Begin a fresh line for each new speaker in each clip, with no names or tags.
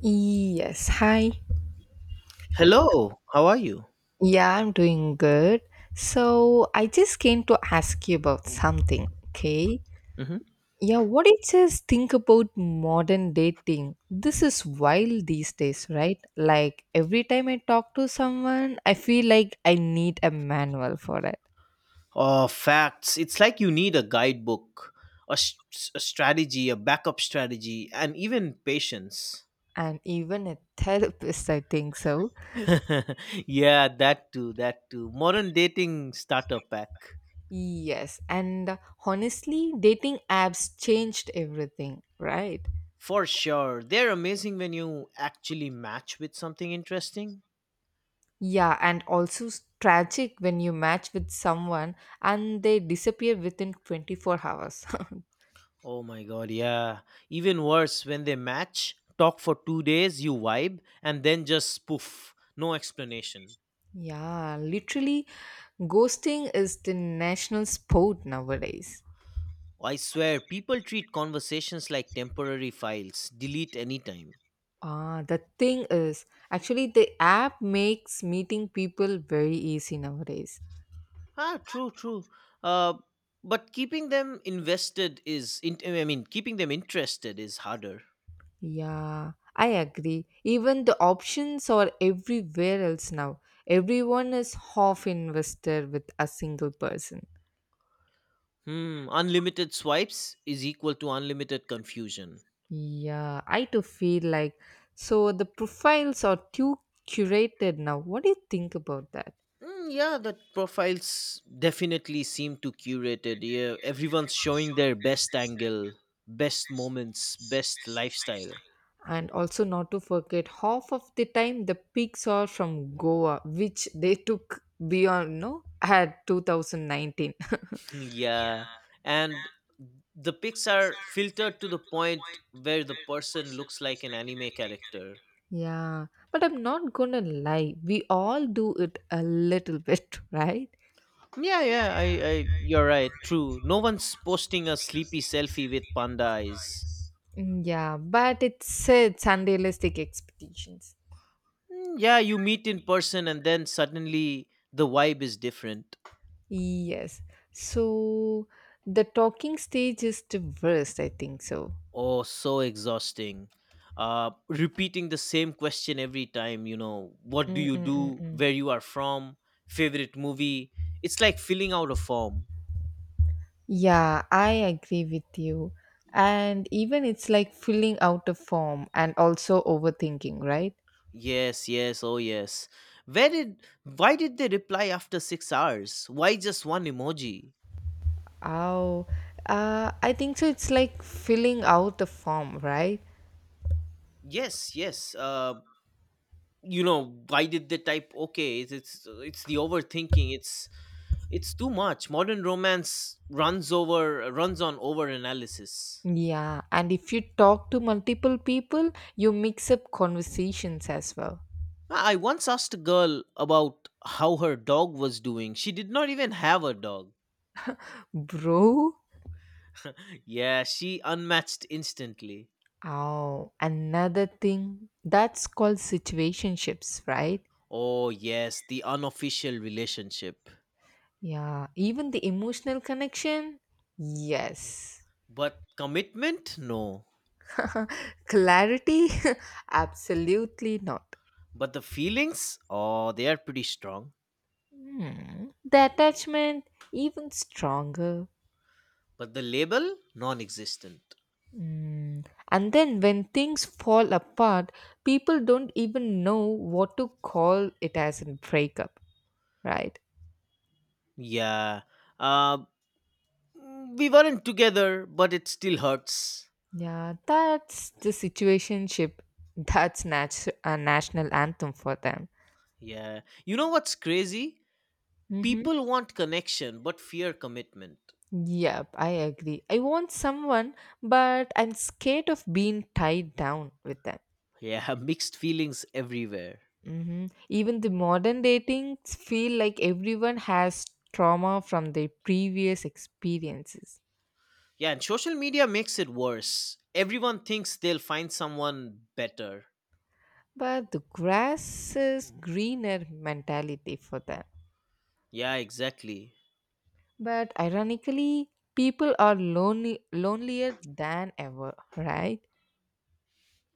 Yes, hi.
Hello, how are you?
Yeah, I'm doing good. So, I just came to ask you about something, okay?
Hmm.
Yeah, what do you just think about modern dating? This is wild these days, right? Like, every time I talk to someone, I feel like I need a manual for it.
Oh, facts. It's like you need a guidebook, a strategy, a backup strategy, and even patience.
And even a therapist, I think so.
Yeah, that too, that too. Modern dating starter pack.
Yes, and honestly, dating apps changed everything, right?
For sure. They're amazing when you actually match with something interesting.
Yeah, and also tragic when you match with someone and they disappear within 24 hours.
Oh my god, yeah. Even worse, when they match, talk for 2 days, you vibe, and then just poof. No explanation.
Yeah, literally, ghosting is the national sport nowadays.
I swear, people treat conversations like temporary files, delete anytime.
Ah, the thing is, actually, the app makes meeting people very easy nowadays.
Ah, true, true. Uh, but keeping them invested is, I mean, keeping them interested is harder.
Yeah, I agree. Even the options are everywhere else now. Everyone is half invested with a single person.
Hmm, unlimited swipes is equal to unlimited confusion.
Yeah, I too feel like so the profiles are too curated now. What do you think about that?
Mm, yeah, that profiles definitely seem too curated. Yeah, everyone's showing their best angle, best moments, best lifestyle.
And also not to forget half of the time the pics are from Goa, which they took beyond no at 2019.
Yeah, and the pics are filtered to the point where the person looks like an anime character.
Yeah. But I'm not gonna lie, we all do it a little bit, right?
Yeah, yeah, I you're right. True. No one's posting a sleepy selfie with panda eyes.
Mm, yeah, but it sets unrealistic expectations.
Mm, yeah, you meet in person and then suddenly the vibe is different.
Yes. So the talking stage is the worst, I think so.
Oh, so exhausting. Repeating the same question every time, what do you do,
Mm-mm-mm-mm.
where you are from, favorite movie. It's like filling out a form.
Yeah, I agree with you. And even it's like filling out a form and also overthinking, right?
Yes, yes, oh yes. Where did why did they reply after 6 hours? Why just one emoji?
Oh, I think so. It's like filling out a form, right?
Yes, yes. Why did they type okay? It's the overthinking. It's too much. Modern romance runs on over analysis.
Yeah, and if you talk to multiple people, you mix up conversations as well.
I once asked a girl about how her dog was doing. She did not even have a dog.
Bro,
Yeah, she unmatched instantly.
oh, another thing that's called situationships, right?
Oh, yes, the unofficial relationship.
Yeah, even the emotional connection? Yes.
But commitment? No.
Clarity? Absolutely not.
But the feelings? Oh, they are pretty strong.
Hmm. The attachment? Even stronger.
But the label? Non existent.
Hmm. And then when things fall apart, people don't even know what to call it as a breakup, right?
Yeah. Uh, we weren't together, but it still hurts.
Yeah, that's the situationship. That's a national anthem for them.
Yeah. You know what's crazy?
Mm-hmm.
People want connection, but fear commitment.
Yep, I agree. I want someone, but I'm scared of being tied down with them.
Yeah, mixed feelings everywhere.
Mm-hmm. Even the modern dating feel like everyone has trauma from their previous experiences.
Yeah, and social media makes it worse. Everyone thinks they'll find someone better.
But the grass is greener mentality for them.
Yeah, exactly.
But ironically, people are lonely, lonelier than ever, right?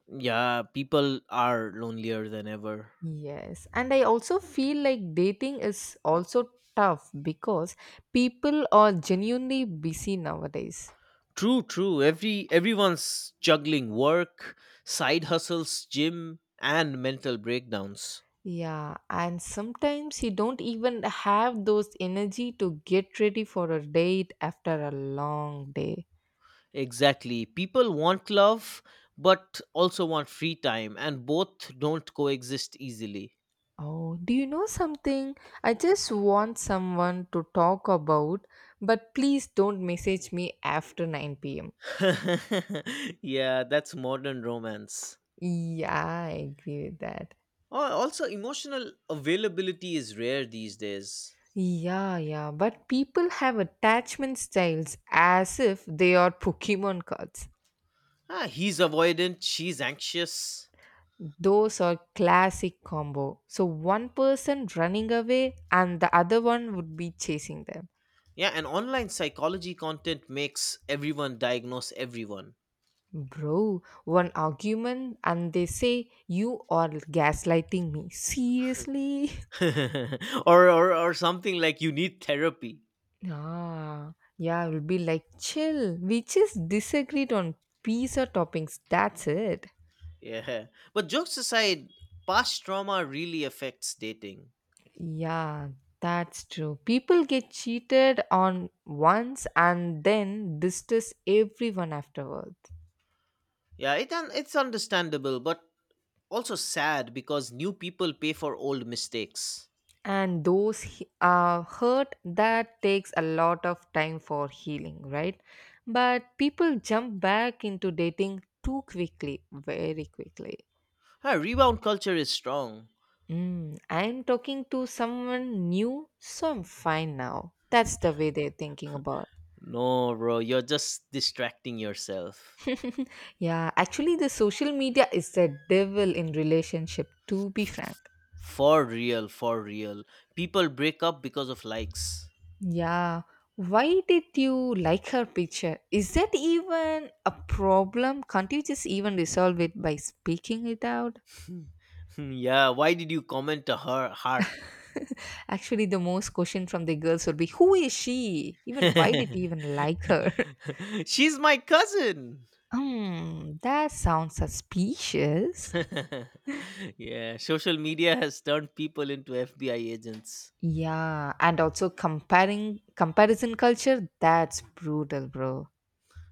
Yeah, people are lonelier than ever.
Yes, and I also feel like dating is also tough because people are genuinely busy nowadays.
True, true. Everyone's juggling work, side hustles, gym, and mental breakdowns.
Yeah, and sometimes you don't even have those energy to get ready for a date after a long day.
Exactly. People want love but also want free time and both don't coexist easily.
Oh, do you know something? I just want someone to talk about, but please don't message me after 9 pm.
Yeah, that's modern romance.
Yeah, I agree with that.
Also, emotional availability is rare these days.
Yeah, yeah, but people have attachment styles as if they are Pokemon cards.
Ah, he's avoidant, she's anxious.
Those are classic combo. So one person running away and the other one would be chasing them.
Yeah, and online psychology content makes everyone diagnose everyone.
Bro, one argument and they say you are gaslighting me. Seriously?
Or something like you need therapy.
Ah, yeah, I will be like chill. We just disagreed on pizza toppings. That's it.
Yeah. But jokes aside, past trauma really affects dating.
Yeah, that's true. People get cheated on once and then distress everyone afterward.
Yeah, it's understandable, but also sad because new people pay for old mistakes.
And those hurt that takes a lot of time for healing, right? But people jump back into dating too quickly, very quickly.
Ah, rebound culture is strong.
Mm, I'm talking to someone new, so I'm fine now. That's the way they're thinking about.
No, bro, you're just distracting yourself.
Yeah, actually, the social media is the devil in relationship, to be frank.
For real, for real. People break up because of likes.
Yeah, why did you like her picture? Is that even a problem? Can't you just even resolve it by speaking it out?
Yeah, why did you comment a heart?
Actually, the most question from the girls would be who is she? Even why did you even like her?
She's my cousin.
Hmm, that sounds suspicious.
Yeah, social media has turned people into FBI agents.
Yeah, and also comparing comparison culture, that's brutal, bro.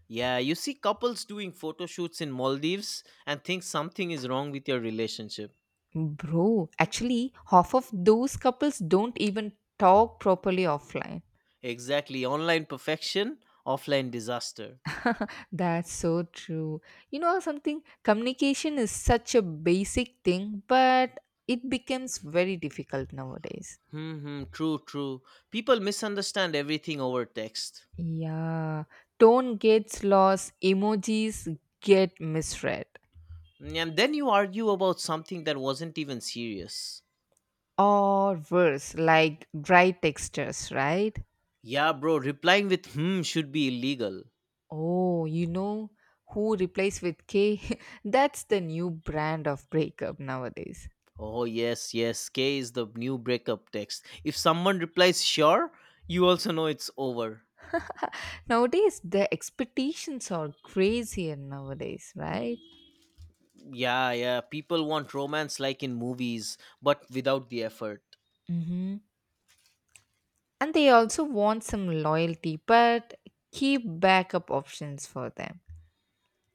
Yeah, you see couples doing photo shoots in Maldives and think something is wrong with your relationship.
Bro, actually, half of those couples don't even talk properly offline.
Exactly, online perfection, offline disaster.
That's so true. You know something? Communication is such a basic thing, but it becomes very difficult nowadays.
Hmm, true, true. People misunderstand everything over text.
Yeah, tone gets lost, emojis get misread,
Mm, and then you argue about something that wasn't even serious.
or worse, like dry textures, right?
Yeah, bro, replying with hmm should be illegal.
Oh, you know who replaces with K? That's the new brand of breakup nowadays.
Oh, yes, yes. K is the new breakup text. If someone replies, sure, you also know it's over.
Nowadays, the expectations are crazier nowadays, right?
Yeah, yeah. People want romance like in movies, but without the effort.
Mm-hmm. And they also want some loyalty, but keep backup options for them.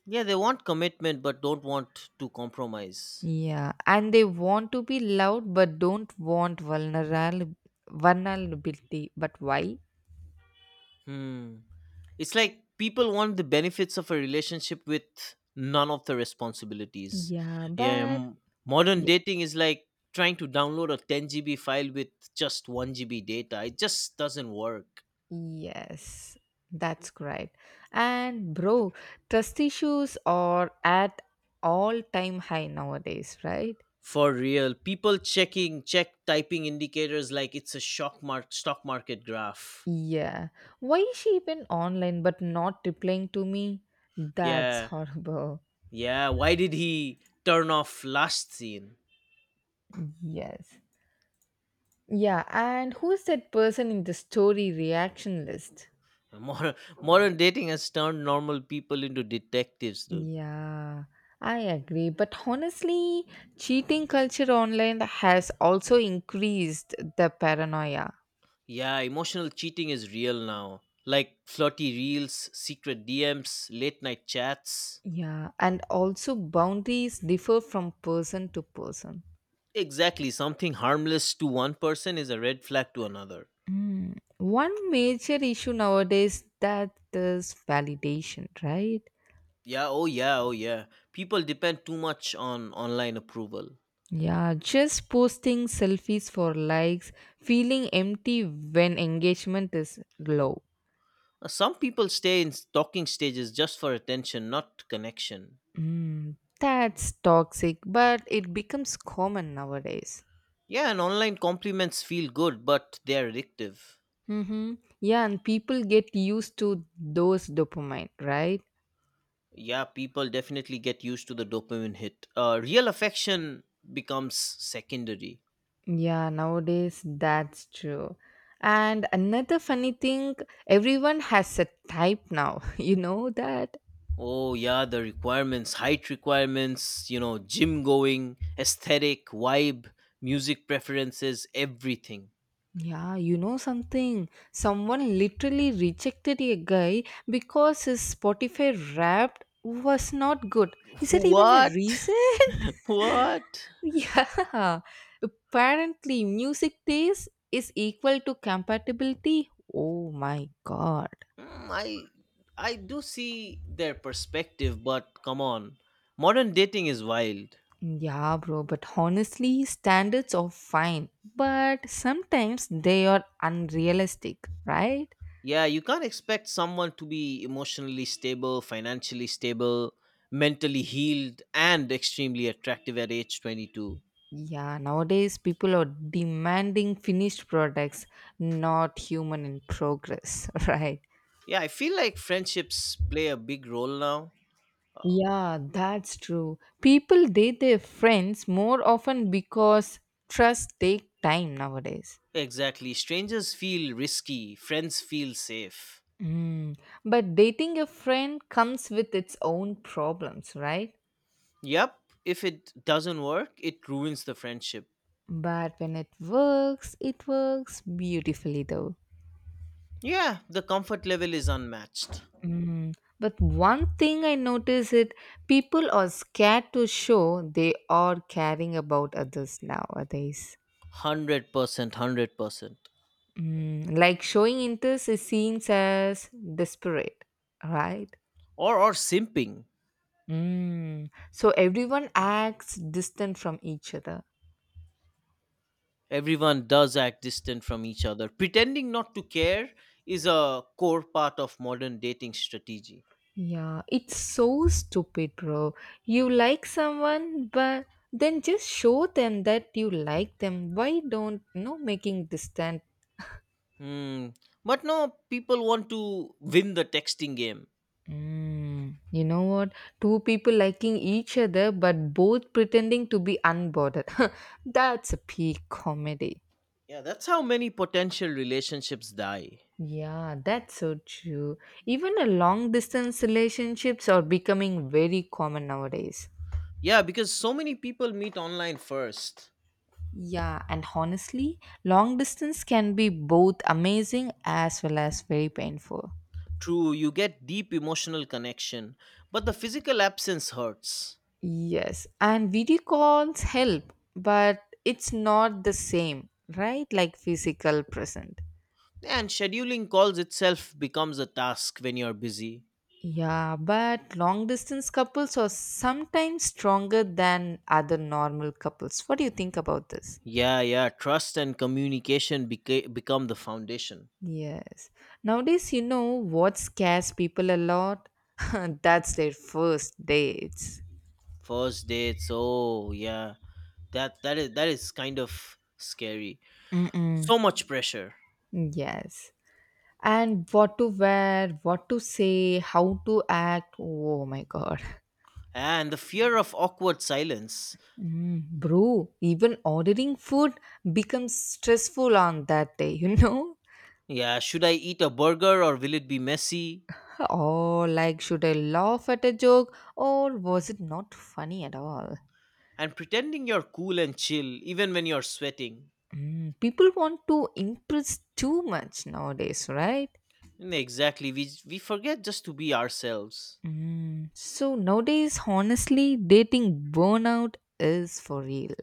Yeah, they want commitment, but don't want to compromise.
Yeah, and they want to be loved, but don't want vulnerability. But why?
Hmm. It's like people want the benefits of a relationship with none of the responsibilities.
Yeah,
Yeah,
but
modern
Ye-
dating is like trying to download a 10 GB file with just 1 GB data. It just doesn't work.
yes, that's great. And bro, trust issues are at all time high nowadays, right?
For real, people check typing indicators like it's a shock mark stock market graph.
Yeah. Why is she even online but not replying to me? That's
Yeah,
horrible.
yeah. Why did he turn off last scene?
Yes. Yeah, and who's that person in the story reaction list?
Modern, modern dating has turned normal people into detectives, dude.
Yeah, I agree. But honestly, cheating culture online has also increased the paranoia.
Yeah, emotional cheating is real now. Like flirty reels, secret DMs, late night chats.
Yeah, and also boundaries differ from person to person.
Exactly, something harmless to one person is a red flag to another.
Mm. One major issue nowadays that is validation, right?
Yeah, oh yeah, oh yeah. People depend too much on online approval.
Yeah, just posting selfies for likes, feeling empty when engagement is low.
Some people stay in talking stages just for attention, not connection.
Mm, that's toxic, but it becomes common nowadays.
Yeah, and online compliments feel good, but they're addictive.
Mm-hmm. Yeah, and people get used to those dopamine, right?
Yeah, people definitely get used to the dopamine hit. Real affection becomes secondary.
Yeah, nowadays that's true. And another funny thing, everyone has a type now. You know that?
Oh, yeah, the requirements, height requirements, gym going, aesthetic, vibe, music preferences, everything.
Yeah, you know something? Someone literally rejected a guy because his Spotify rap was not good. Is that even a
What?
reason?
What?
Yeah. Apparently, music taste is equal to compatibility. Oh my god.
Mm, I do see their perspective, but come on, modern dating is wild.
Yeah, bro, but honestly, standards are fine, but sometimes they are unrealistic, right?
Yeah, you can't expect someone to be emotionally stable, financially stable, mentally healed, and extremely attractive at age 22.
Yeah, nowadays people are demanding finished products, not human in progress, right?
Yeah, I feel like friendships play a big role now.
Yeah, that's true. People date their friends more often because trust take time nowadays.
Exactly. Strangers feel risky, friends feel safe.
Mm. But dating a friend comes with its own problems, right?
Yep, if it doesn't work, it ruins the friendship.
But when it works beautifully though.
Yeah, the comfort level is unmatched.
Mm. But one thing I notice it people are scared to show they are caring about others nowadays.
100%. 100%.
Mm. Like showing interest is seen as desperate, right?
Or simping.
Mm. So everyone acts distant from each other.
Everyone does act distant from each other, pretending not to care is a core part of modern dating strategy.
Yeah, it's so stupid, bro. You like someone, but then just show them that you like them. Why don't you know making distant.
Hmm. But no, people want to win the texting game.
Mm, you know what? Two people liking each other but both pretending to be unbothered. That's a peak comedy.
Yeah, that's how many potential relationships die.
Yeah, that's so true. Even a long distance relationships are becoming very common nowadays.
Yeah, because so many people meet online first.
Yeah, and honestly, long distance can be both amazing as well as very painful.
True, you get deep emotional connection, but the physical absence hurts.
Yes, and video calls help, but it's not the same, right? Like physical present.
And scheduling calls itself becomes a task when you're busy.
Yeah, but long distance couples are sometimes stronger than other normal couples. What do you think about this?
Yeah, yeah. Trust and communication become the foundation.
Yes. Nowadays, you know what scares people a lot? That's their first dates.
First dates. Oh, yeah. That is kind of scary.
Mm-mm.
So much pressure
Yes. And what to wear, what to say, how to act. Oh my god.
and the fear of awkward silence.
Mm, bro, even ordering food becomes stressful on that day, you know?
Yeah, should I eat a burger or will it be messy?
Oh, like should I laugh at a joke or was it not funny at all?
And pretending you're cool and chill even when you're sweating.
Mm, people want to impress too much nowadays, right?
Mm, exactly. We forget just to be ourselves.
Mm, so nowadays, honestly, dating burnout is for real.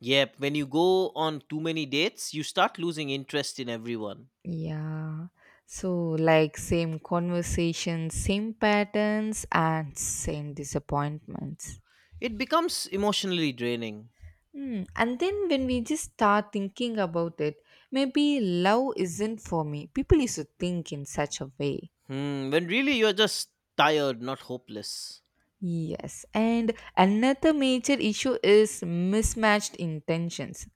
Yep, when you go on too many dates, you start losing interest in everyone.
Yeah. So, like, same conversations, same patterns, and same disappointments.
It becomes emotionally draining.
Hmm. And then, when we just start thinking about it, maybe love isn't for me. People used to think in such a way.
Hmm, when really you're just tired, not hopeless.
Yes, and another major issue is mismatched intentions.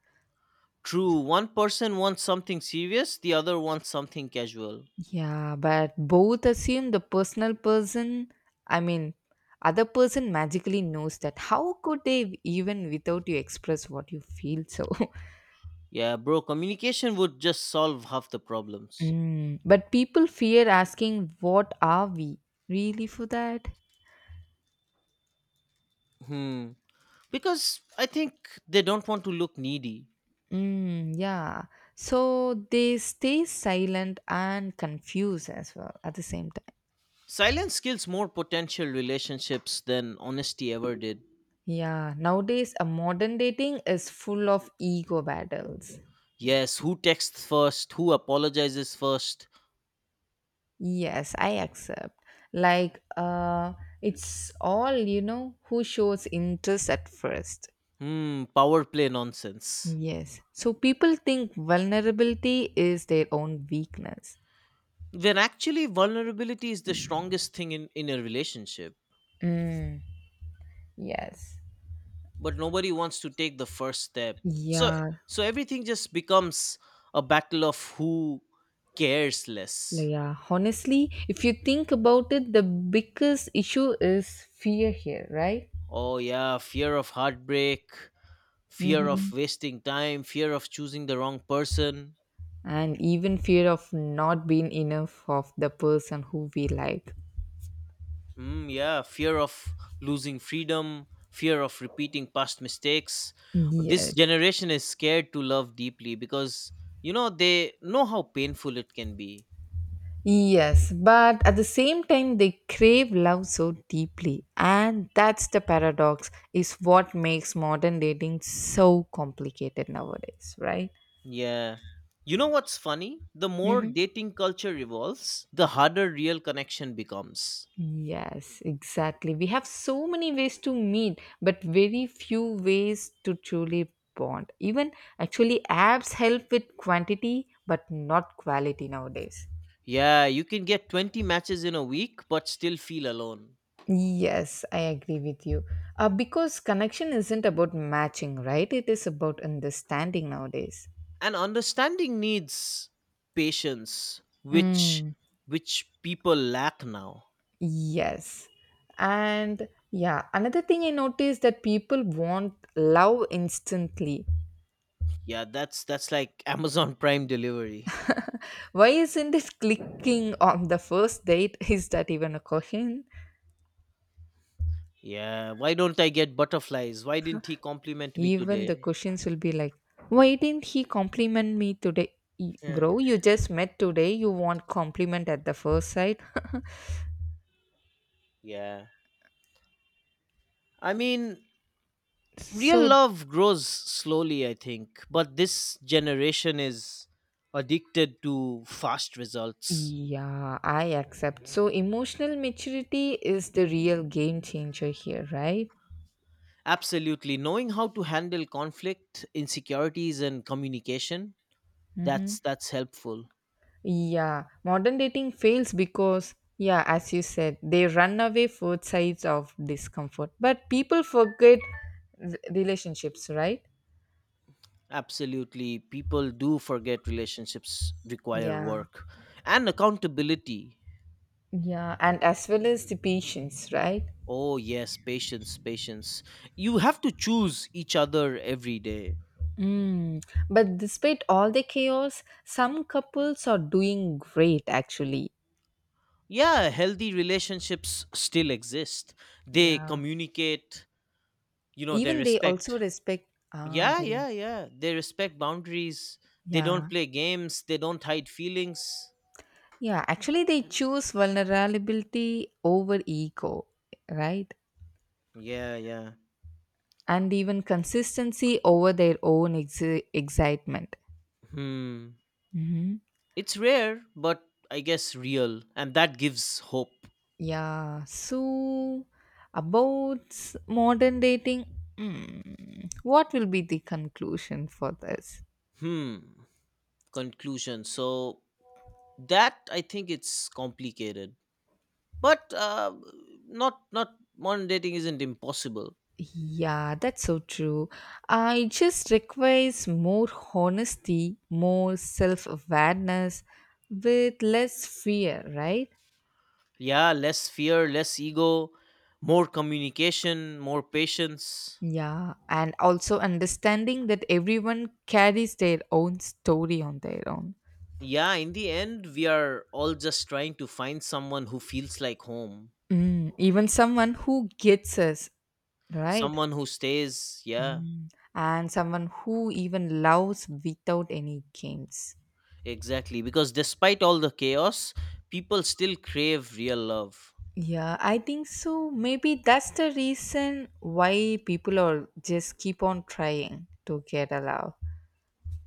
True, one person wants something serious, the other wants something casual.
Yeah, but both assume the person, I mean, other person magically knows that. How could they even without you express what you feel so?
Yeah, bro, communication would just solve half the problems.
Mm, but people fear asking, what are we really for that?
Hmm, because I think they don't want to look needy.
Mm, yeah. So they stay silent and confused as well at the same time.
Silence kills more potential relationships than honesty ever did.
Yeah, nowadays a modern dating is full of ego battles.
Yes, who texts first, who apologizes first?
Yes, I accept. Like it's all, you know, who shows interest at first.
Hmm, power play nonsense.
Yes. So people think vulnerability is their own weakness.
When actually vulnerability is the strongest thing in a relationship.
Mm, yes.
But nobody wants to take the first step, so
Yeah,
so everything just becomes a battle of who cares less.
yeah. Honestly, if you think about it, the biggest issue is fear here, right?
Oh yeah, fear of heartbreak, fear of
Hmm.
wasting time, fear of choosing the wrong person.
And even fear of not being enough of the person who we like.
Mm, yeah, fear of losing freedom, fear of repeating past mistakes. This
Yes.
generation is scared to love deeply because they know how painful it can be.
Yes, but at the same time, they crave love so deeply, and that's the paradox, is what makes modern dating so complicated nowadays, right?
Yeah. You know what's funny? The more
Hmm.
dating culture evolves, the harder real connection becomes.
Yes, exactly. We have so many ways to meet, but very few ways to truly bond. Even actually, apps help with quantity, but not quality nowadays.
Yeah, you can get 20 matches in a week but still feel alone.
Yes, I agree with you. Because connection isn't about matching, right? It is about understanding nowadays.
And understanding needs patience, which
Mm,
which people lack now.
yes. And yeah, another thing I noticed that people want love instantly.
Yeah, that's like Amazon Prime delivery.
Why isn't it clicking on the first date? Is that even a question?
Yeah, why don't I get butterflies? Why didn't he compliment me
Even the
today?
questions will be like, why didn't he compliment me today?
Yeah.
Bro, you just met today. You want compliment at the first sight?
Yeah. I mean, real
So
love grows slowly I think, but this generation is addicted to fast results.
yeah, I accept. So emotional maturity is the real game changer here, right?
Absolutely, knowing how to handle conflict, insecurities and communication,
Hmm.
that's helpful.
Yeah, modern dating fails because, yeah, as you said, they run away both sides of discomfort. But people forget relationships, right?
Absolutely, people do forget relationships require
Yeah,
work and accountability.
yeah, and as well as the patience, right?
Oh yes, patience, patience, you have to choose each other every day.
Mm. But despite all the chaos, some couples are doing great actually.
Yeah, healthy relationships still exist, they
Yeah,
communicate, you know, they
even they also
respect.
respect. Ah,
Yeah,
they do.
yeah, yeah, they respect boundaries. They don't
Yeah.
play games, they don't hide feelings.
Yeah. Actually, they choose vulnerability over ego, right?
Yeah, yeah.
And even consistency over their own excitement.
Hmm,
Hmm.
it's rare, but I guess real, and that gives hope.
Yeah. So, about modern dating, mm, what will be the conclusion for this?
Hmm, conclusion, so that I think it's complicated, but not modern dating isn't impossible.
Yeah, that's so true. It just requires more honesty, more self awareness with less fear, right?
Yeah, less fear, less ego, more communication, more patience.
Yeah, and also understanding that everyone carries their own story on their own.
Yeah, in the end we are all just trying to find someone who feels like home.
Mm, even someone who gets us, right?
Someone who stays, yeah.
Mm, and someone who even loves without any games.
Exactly, because despite all the chaos, people still crave real love.
Yeah, I think so. Maybe that's the reason why people are just keep on trying to get a love.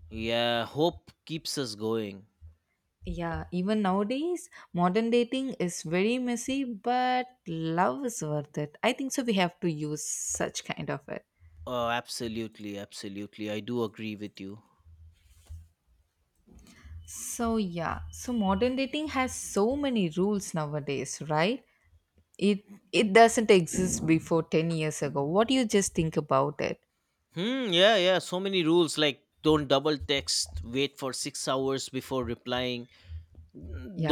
Yeah, hope keeps us going.
Yeah, even nowadays, modern dating is very messy, but love is worth it. I think so. We have to use such kind of it.
Oh absolutely, absolutely, I do agree with you.
So modern dating has so many rules nowadays, right? It it doesn't exist before 10 years ago. What do you just think about it?
Hmm. Yeah. Yeah. So many rules like don't double text. Wait for 6 hours before replying.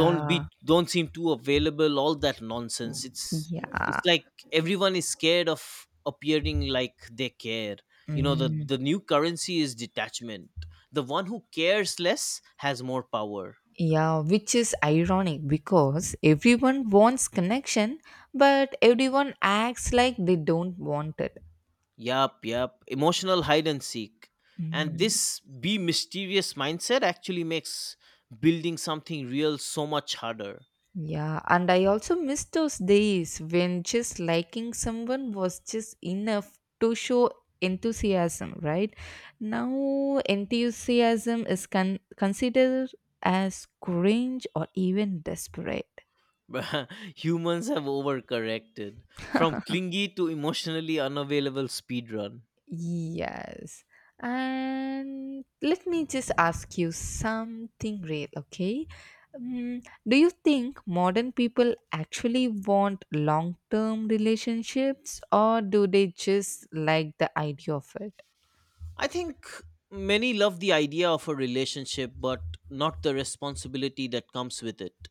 don't be don't seem too available, all that nonsense. It's
yeah.
like everyone is scared of appearing like they care. You know, the
Mm,
the new currency is detachment. The one who cares less has more power.
yeah, which is ironic because everyone wants connection, but everyone acts like they don't want it.
Yup, yup. Emotional hide and seek. And
Mm.
this be mysterious mindset actually makes building something real so much harder.
Yeah, and I also miss those days when just liking someone was just enough to show enthusiasm, right? Now, enthusiasm is considered as cringe or even desperate.
Bruh, humans have overcorrected from clingy to emotionally unavailable speedrun.
Yes. And let me just ask you something real, okay? Um, do you think modern people actually want long term relationships or do they just like the idea of it?
I think many love the idea of a relationship, but not the responsibility that comes with it.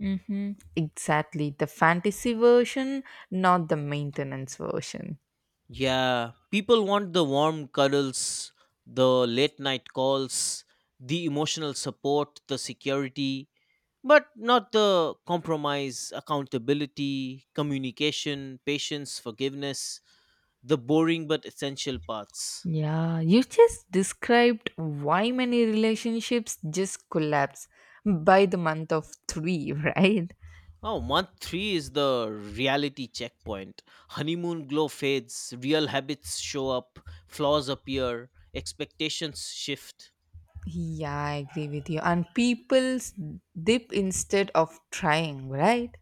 Mm-hmm. Exactly. The fantasy version, not the maintenance version.
Yeah, people want the warm cuddles, the late night calls, the emotional support, the security, but not the compromise, accountability, communication, patience, forgiveness, the boring but essential parts.
Yeah, you just described why many relationships just collapse by the month of three, right?
Oh, month three is the reality checkpoint. Honeymoon glow fades, real habits show up, flaws appear, expectations shift.
Yeah, I agree with you. And people dip instead of trying, right?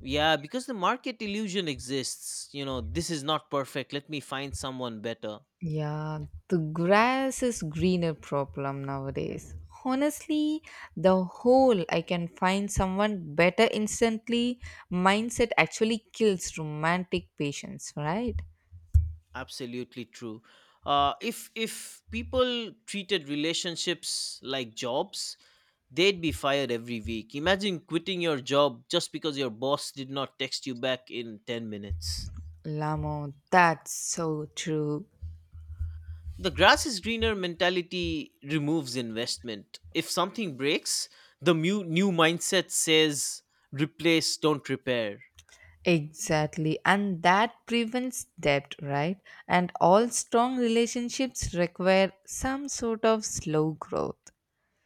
Yeah, because the market illusion exists. You know, this is not perfect. Let me find someone better.
Yeah, the grass is greener problem nowadays. Honestly, the whole I can find someone better instantly mindset actually kills romantic patience, right?
Absolutely true. If people treated relationships like jobs, they'd be fired every week. Imagine quitting your job just because your boss did not text you back in 10 minutes.
Lamo, that's so true.
The grass is greener mentality removes investment. If something breaks, the new mindset says replace, don't repair.
Exactly, and that prevents debt, right? And all strong relationships require some sort of slow growth.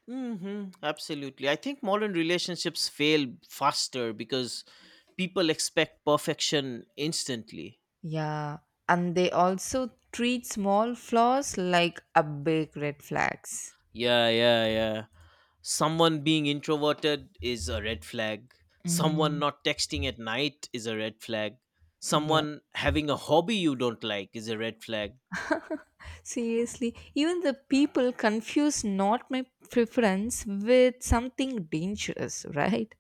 Hmm, absolutely. I think modern relationships fail faster because people expect perfection instantly.
Yeah, and they also treat small flaws like a big red flags.
Yeah, yeah, yeah. Someone being introverted is a red flag. Someone
Mm,
not texting at night is a red flag.
yeah,
Someone having a hobby you don't like is a red flag.
seriously, even the people confuse not my preference with something dangerous, right?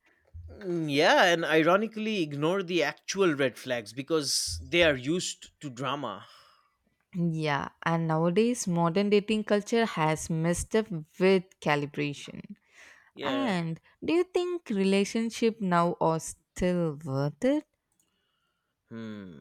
Mm, yeah, and ironically ignore the actual red flags because they are used to drama.
Yeah, and nowadays modern dating culture has messed up with calibration.
Yeah.
And do you think relationship now are still worth it?
Hmm.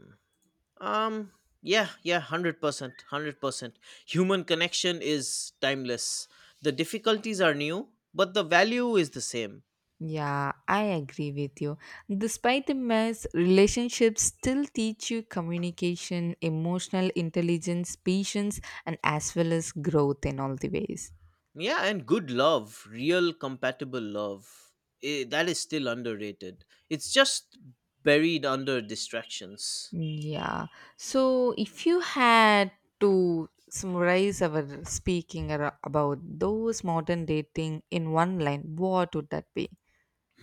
Um yeah, yeah, 100%, 100%. Human connection is timeless. The difficulties are new, but the value is the same.
Yeah, I agree with you. Despite the mess, relationships still teach you communication, emotional intelligence, patience, and as well as growth in all the ways.
Yeah, and good love, real compatible love, that is still underrated. It's just buried under distractions.
Yeah. So, if you had to summarize our speaking about those modern dating in one line, what would that be?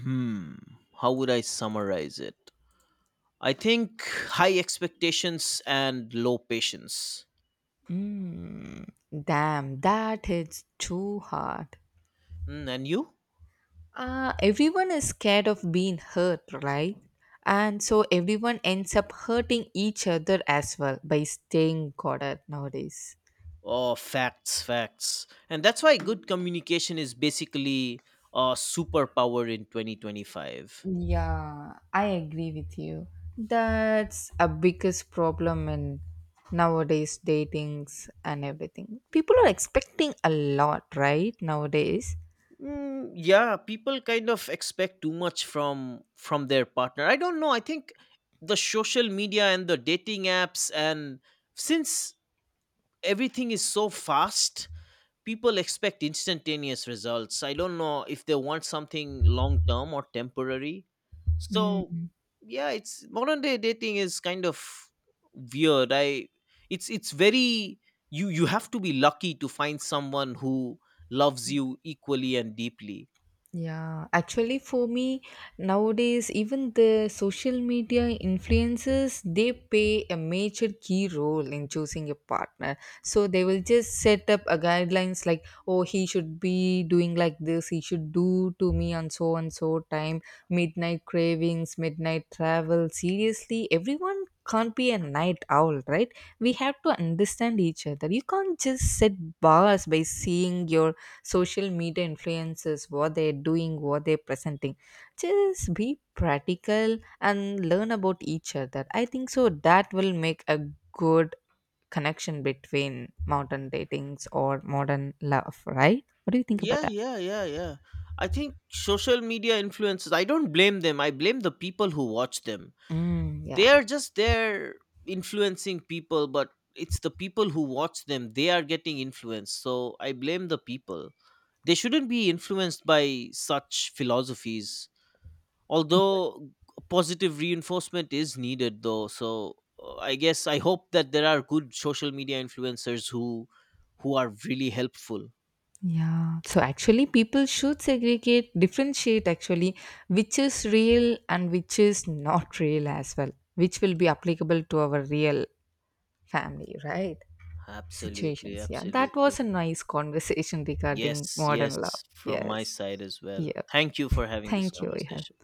Hmm. How would I summarize it? I think high expectations and low patience.
Mm, damn, that hits too hard.
Mm, and you?
Everyone is scared of being hurt, right? And so everyone ends up hurting each other as well by staying guarded nowadays.
Oh, facts, facts. And that's why good communication is basically a superpower in 2025.
Yeah, I agree with you. That's a biggest problem in nowadays datings and everything. People are expecting a lot, right? Nowadays.
Mm, yeah, people kind of expect too much from their partner. I don't know. I think the social media and the dating apps, and since everything is so fast, people expect instantaneous results. I don't know if they want something long term or temporary, so
Mm.
yeah, it's modern day dating is kind of weird. I it's it's very you have to be lucky to find someone who loves you equally and deeply.
Yeah, actually for me nowadays even the social media influencers they play a major key role in choosing a partner. So they will just set up a guidelines like oh he should be doing like this, he should do to me on so and so time, midnight cravings, midnight travel. Seriously, everyone can't be a night owl, right? We have to understand each other. You can't just set bars by seeing your social media influences what they're doing what they're presenting, just be practical and learn about each other. I think so that will make a good connection between modern datings or modern love, right? What do you think about
Yeah,
that?
yeah, yeah, yeah, I think social media influencers, I don't blame them, I blame the people who watch them.
Mm,
They
yeah,
are just there influencing people, but it's the people who watch them, they are getting influenced, so I blame the people. They shouldn't be influenced by such philosophies, although positive reinforcement is needed though, so I guess I hope that there are good social media influencers who are really helpful.
yeah. So actually, people should segregate, differentiate actually, which is real and which is not real as well, which will be applicable to our real family, right?
Absolutely,
Situations. Yeah, that
absolutely.
was a nice conversation regarding
Yes,
modern love.
yes, from my
Yes.
side as well,
Yeah.
thank you for having this
Thank you. Yeah.
conversation.